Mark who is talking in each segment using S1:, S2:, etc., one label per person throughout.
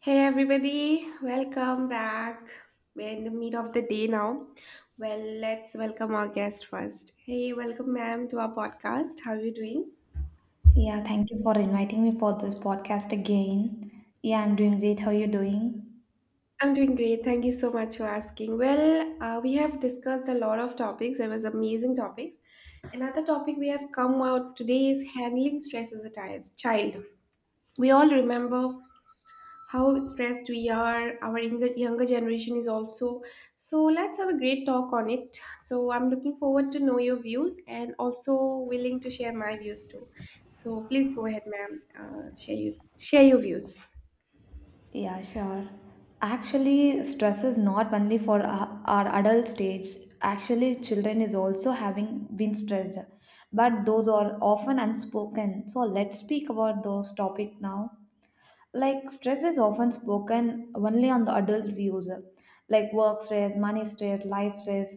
S1: Hey everybody, welcome back. We're in the meat of the day now. Well, let's welcome our guest first. Hey, welcome ma'am to our podcast. How are you doing?
S2: Yeah, thank you for inviting me for this podcast again. Yeah, I'm doing great. How are you doing?
S1: I'm doing great. Thank you so much for asking. Well, we have discussed a lot of topics. It was amazing topics. Another topic we have come out today is handling stress as a child. We all remember how stressed we are, our younger generation is also, so let's have a great talk on it. So I'm looking forward to know your views and also willing to share my views too. So please go ahead ma'am, share your views.
S2: Yeah, sure. Actually, stress is not only for our adult stage. Actually, children is also having been stressed, but those are often unspoken. So let's speak about those topic now. Like stress is often spoken only on the adult views, like work stress, money stress, life stress.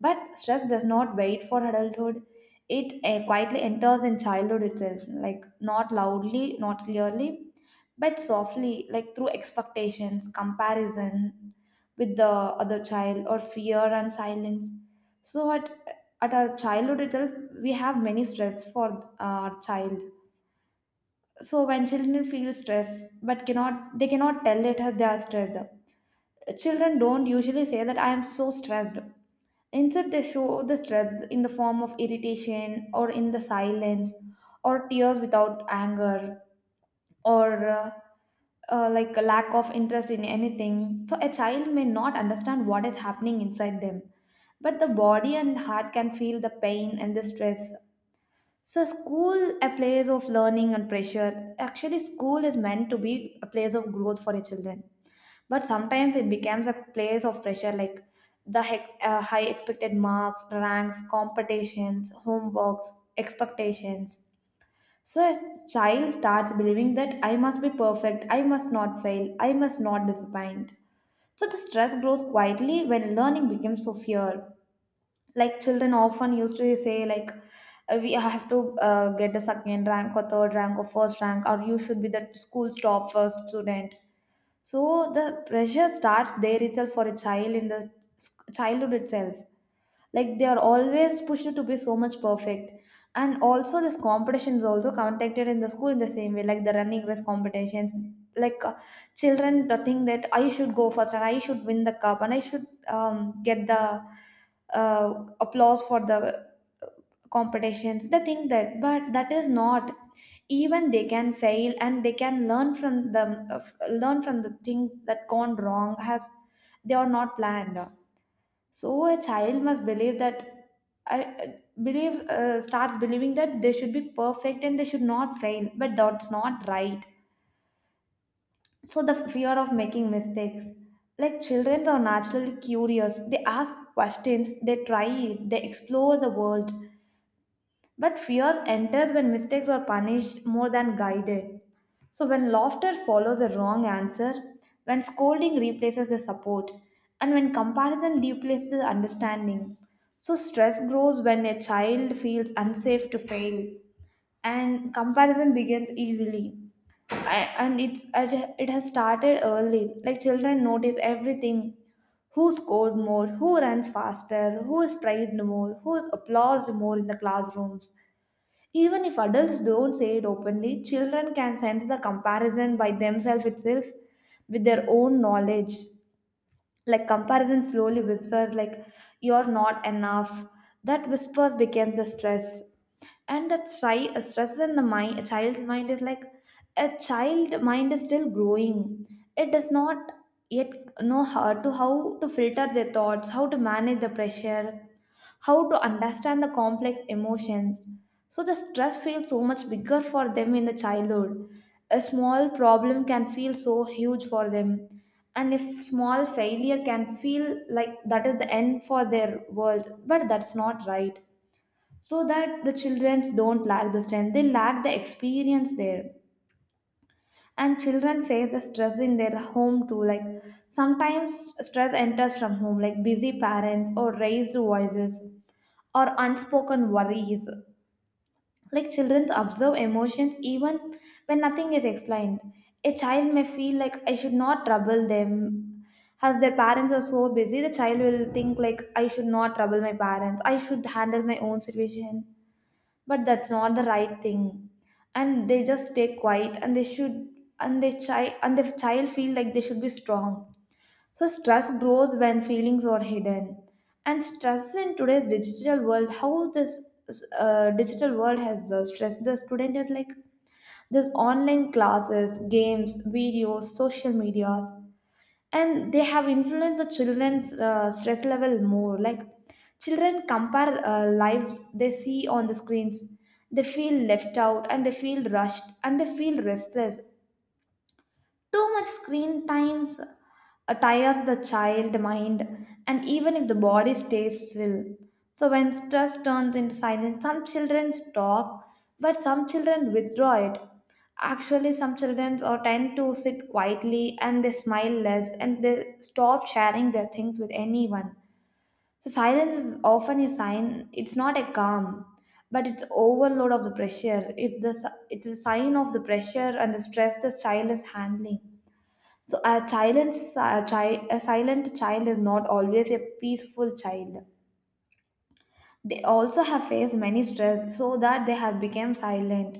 S2: But stress does not wait for adulthood. It quietly enters in childhood itself, like not loudly, not clearly, but softly, like through expectations, comparison with the other child, or fear and silence. So at our childhood itself, we have many stress for our child. So when children feel stress but cannot they cannot tell it as they are stressed, children don't usually say that I am so stressed. Instead, they show the stress in the form of irritation, or in the silence, or tears without anger, or like a lack of interest in anything. So a child may not understand what is happening inside them, but the body and heart can feel the pain and the stress. So school, a place of learning and pressure. Actually, school is meant to be a place of growth for the children. But sometimes it becomes a place of pressure, like the high expected marks, ranks, competitions, homeworks, expectations. So a child starts believing that I must be perfect, I must not fail, I must not disappoint. So the stress grows quietly when learning becomes so fear. Like children often used to say, like, we have to get the second rank or third rank or first rank, or you should be the school's top first student. So the pressure starts there itself for a child in the childhood itself, like they are always pushed to be so much perfect. And also this competition is also conducted in the school in the same way, like the running race competitions, like, children to think that I should go first and I should win the cup and I should get the uh, applause for the competitions. They think that, but that is not. Even they can fail and they can learn from the things that gone wrong has, they are not planned. So a child must believe that, I believe starts believing that they should be perfect and they should not fail, but that's not right. So the fear of making mistakes. Like children are naturally curious. They ask questions, they try it, they explore the world. But fear enters when mistakes are punished more than guided. So when laughter follows a wrong answer, when scolding replaces the support, and when comparison replaces the understanding. So stress grows when a child feels unsafe to fail, and comparison begins easily. And it has started early. Like children notice everything, who scores more, who runs faster, who is praised more, who is applauded more in the classrooms. Even if adults don't say it openly, children can sense the comparison by themselves itself with their own knowledge. Like comparison slowly whispers, like, you're not enough. That whispers becomes the stress. And that stress in the mind, a child's mind is like, a child mind is still growing. It does not yet know how to filter their thoughts, how to manage the pressure, how to understand the complex emotions. So the stress feels so much bigger for them in the childhood. A small problem can feel so huge for them. And if small failure can feel like that is the end for their world, but that's not right. So that the children don't lack the strength, they lack the experience there. And children face the stress in their home too, like sometimes stress enters from home, like busy parents or raised voices or unspoken worries. Like children observe emotions even when nothing is explained. A child may feel like I should not trouble them. As their parents are so busy, the child will think like I should not trouble my parents, I should handle my own situation. But that's not the right thing. And they just stay quiet, and they should, and the child feel like they should be strong. So stress grows when feelings are hidden. And stress in today's digital world, how this digital world has stressed the student is like this online classes, games, videos, social medias, and they have influenced the children's stress level more. Like children compare lives they see on the screens, they feel left out and they feel rushed and they feel restless. Too much screen times tires the child mind, and even if the body stays still. So when stress turns into silence, some children talk, but some children withdraw it. Actually, some children or tend to sit quietly and they smile less and they stop sharing their things with anyone. So silence is often a sign. It's not a calm, but it's overload of the pressure. It's a sign of the pressure and the stress the child is handling. So a silent, a, a silent child is not always a peaceful child. They also have faced many stress so that they have become silent.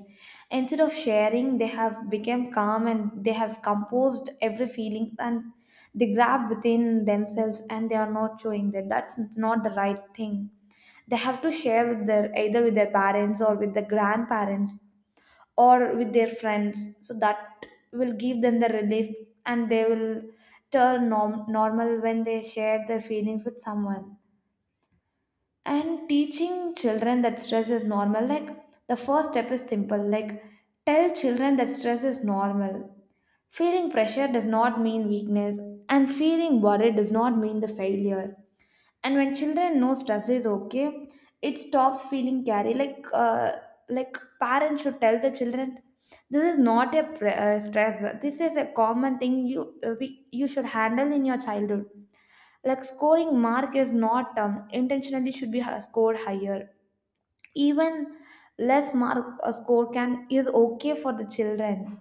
S2: Instead of sharing, they have become calm and they have composed every feeling, and they grab within themselves and they are not showing that. That's not the right thing. They have to share with their, either with their parents or with the grandparents or with their friends, so that will give them the relief, and they will turn normal when they share their feelings with someone. And teaching children that stress is normal, like the first step is simple, like tell children that stress is normal, feeling pressure does not mean weakness, and feeling worried does not mean the failure. And when children know stress is okay, it stops feeling carry, like, like parents should tell the children, this is not a stress, this is a common thing you you should handle in your childhood. Like scoring mark is not intentionally should be scored higher. Even less mark a score can is okay for the children.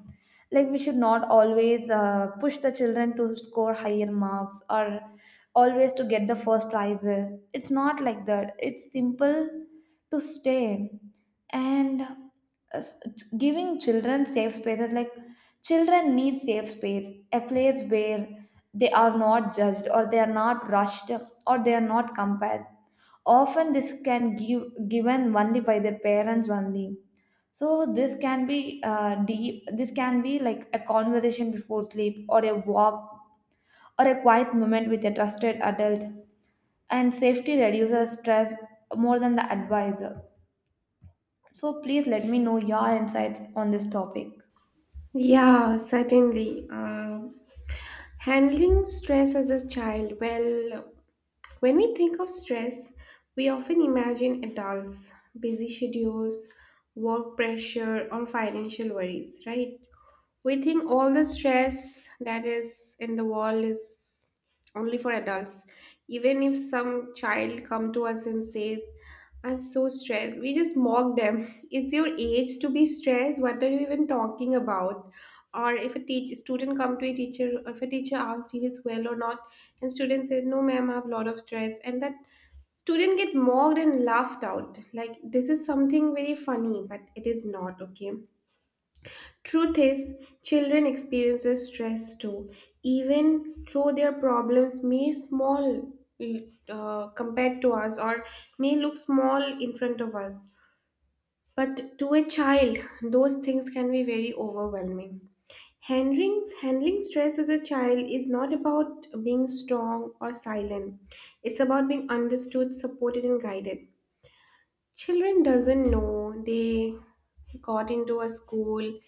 S2: Like we should not always push the children to score higher marks or always to get the first prizes. It's not like that. It's simple to stay and s- giving children safe spaces. Like children need safe space, a place where they are not judged or they are not rushed or they are not compared. Often this can give given only by their parents only. So this can be deep, this can be like a conversation before sleep or a walk or a quiet moment with a trusted adult. And safety reduces stress more than the advisor. So please let me know your insights on this topic.
S1: Yeah, certainly. Handling stress as a child. Well, when we think of stress, we often imagine adults, busy schedules, work pressure or financial worries, right? We think all the stress that is in the world is only for adults. Even if some child come to us and says I'm so stressed, we just mock them it's your age to be stressed, what are you even talking about? Or if a teacher, student come to a teacher, if a teacher asks if he's well or not and student says no ma'am I have a lot of stress and that student get mocked and laughed out, like this is something very funny, but it is not okay. Truth is, children experiences stress too, even though their problems may small, compared to us or may look small in front of us. But to a child, those things can be very overwhelming. Handling stress as a child is not about being strong or silent. It's about being understood, supported, and guided. Children doesn't know they got into a school,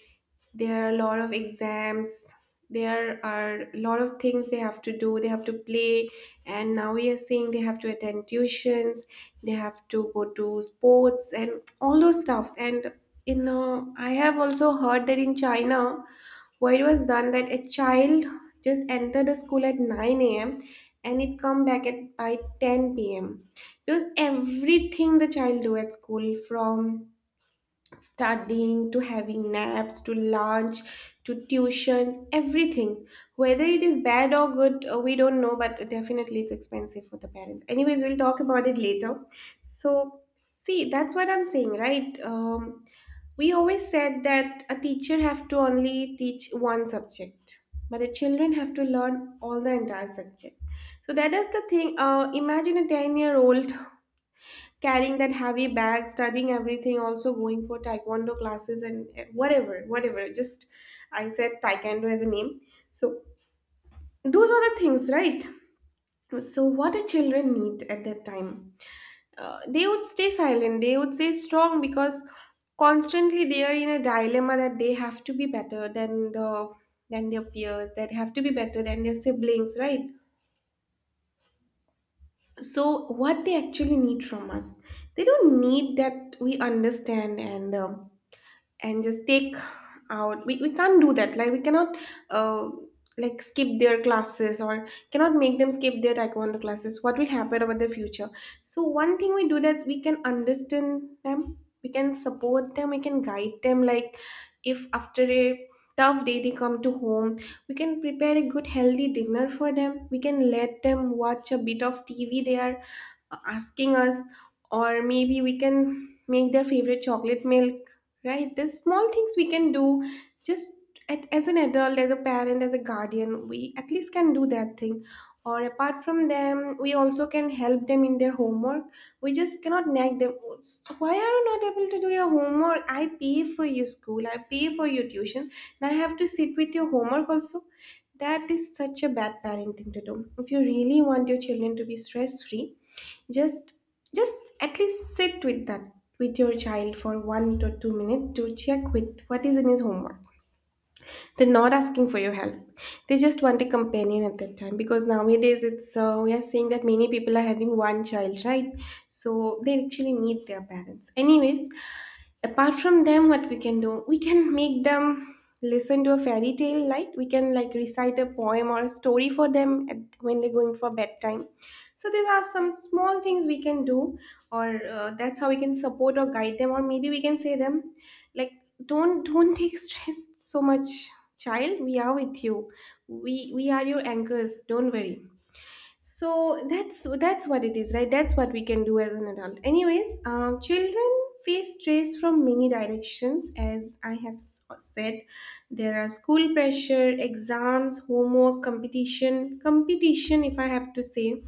S1: there are a lot of exams, there are a lot of things they have to do. They have to play, and now we are seeing they have to attend tuitions, they have to go to sports and all those stuffs. And you know, I have also heard that in China, where it was done that a child just entered the school at 9 a.m. and it come back at by 10 p.m. Because everything the child do at school from studying to having naps to lunch to tuitions, everything, whether it is bad or good, we don't know, but definitely it's expensive for the parents. Anyways, we'll talk about it later. So see, that's what I'm saying, right? We always said that a teacher have to only teach one subject, but the children have to learn all the entire subject. So that is the thing. Imagine a 10-year-old carrying that heavy bag, studying everything, also going for taekwondo classes and whatever, whatever. Just, I said taekwondo as a name. So those are the things, right? So what do children need at that time? They would stay silent. They would stay strong because constantly they are in a dilemma that they have to be better than the than their peers. That have to be better than their siblings, right? So what they actually need from us, they don't need that we understand and and just take out. We can't do that, like we cannot uh, like skip their classes or cannot make them skip their taekwondo classes. What will happen about the future? So one thing we do, that we can understand them, we can support them, we can guide them. Like if after a tough day they come to home, we can prepare a good healthy dinner for them, we can let them watch a bit of TV they are asking us, or maybe we can make their favorite chocolate milk, right? There's small things we can do. Just as an adult, as a parent, as a guardian, we at least can do that thing. Or apart from them, we also can help them in their homework. We just cannot nag them, "So why are you not able to do your homework? I pay for your school, I pay for your tuition and I have to sit with your homework also." That is such a bad parenting to do. If you really want your children to be stress free, just just at least sit with that, with your child for 1 to 2 minutes to check with what is in his homework. They're not asking for your help, they just want a companion at that time, because nowadays it's, we are seeing that many people are having one child, right? So they actually need their parents. Anyways, apart from them, what we can do, we can make them listen to a fairy tale, like we can like recite a poem or a story for them when they're going for bedtime. So these are some small things we can do. Or that's how we can support or guide them, or maybe we can say them like don't take stress so much, child, we are with you, we are your anchors, don't worry. So that's what it is, right? That's what we can do as an adult. Anyways, children face stress from many directions, as I have said. There are school pressure, exams, homework, competition, competition. If I have to say,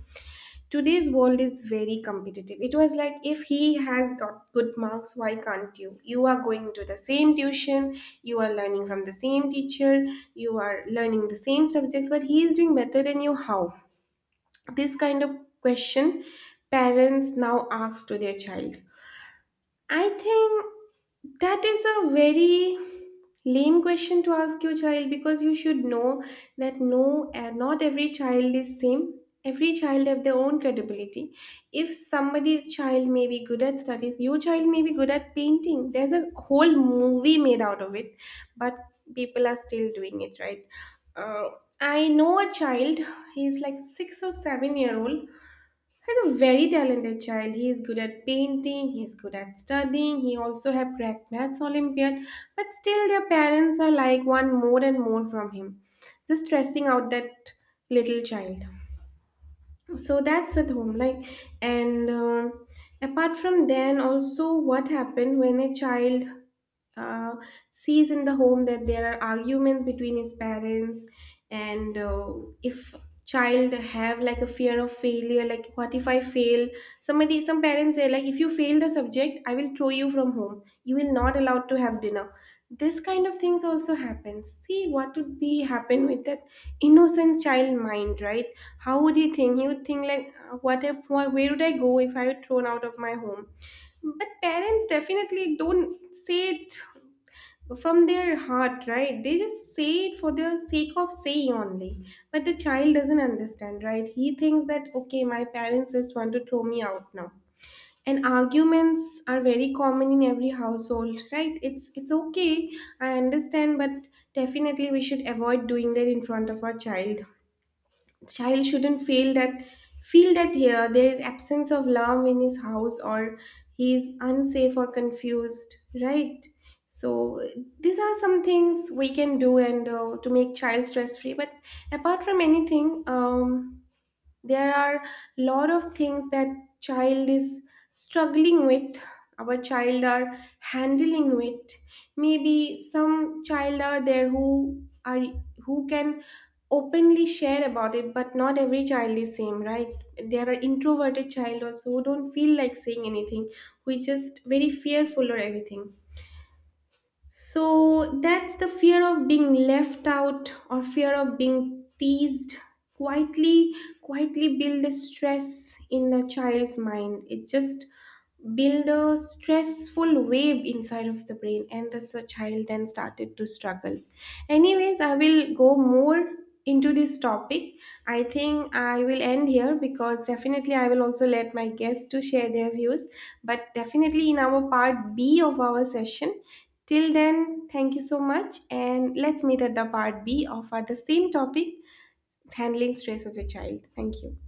S1: today's world is very competitive. It was like, if he has got good marks, why can't you? You are going to the same tuition, you are learning from the same teacher, you are learning the same subjects, but he is doing better than you. How? This kind of question parents now ask to their child. I think that is a very lame question to ask your child, because you should know that no, not every child is same. Every child have their own credibility. If somebody's child may be good at studies, your child may be good at painting. There's a whole movie made out of it, but people are still doing it, right? uh, I know a child, he's like 6 or 7-year old. He's a very talented child. He is good at painting, he's good at studying, he also have cracked maths Olympiad, but still their parents are like one more and more from him, just stressing out that little child. So that's at home, like, and apart from then also, what happened when a child uh, sees in the home that there are arguments between his parents, and if child have like a fear of failure, like what if I fail. Somebody, some parents say like, if you fail the subject I will throw you from home, you will not allowed to have dinner. This kind of things also happens. See, what would be happen with that innocent child mind, right? How would he think? He would think like, what if, what, where would I go if I were thrown out of my home? But parents definitely don't say it from their heart, right? They just say it for the sake of saying only. But the child doesn't understand, right? He thinks that, okay, my parents just want to throw me out now. And arguments are very common in every household, right? It's okay. I understand, but definitely we should avoid doing that in front of our child. Child shouldn't feel that here there is absence of love in his house, or he is unsafe or confused, right? So these are some things we can do and, to make child stress free. But apart from anything, there are lot of things that child is struggling with, our child are handling with. Maybe some child are there who are, who can openly share about it, but not every child is same, right? There are introverted child also who don't feel like saying anything, who is just very fearful or everything. So that's the fear of being left out or fear of being teased quietly, quietly build a stress in the child's mind. It just build a stressful wave inside of the brain and the child then started to struggle. Anyways, I will go more into this topic. I think I will end here, because definitely I will also let my guests to share their views, but definitely in our part B of our session. Till then, thank you so much, and let's meet at the part B of our, the same topic, handling stress as a child. Thank you.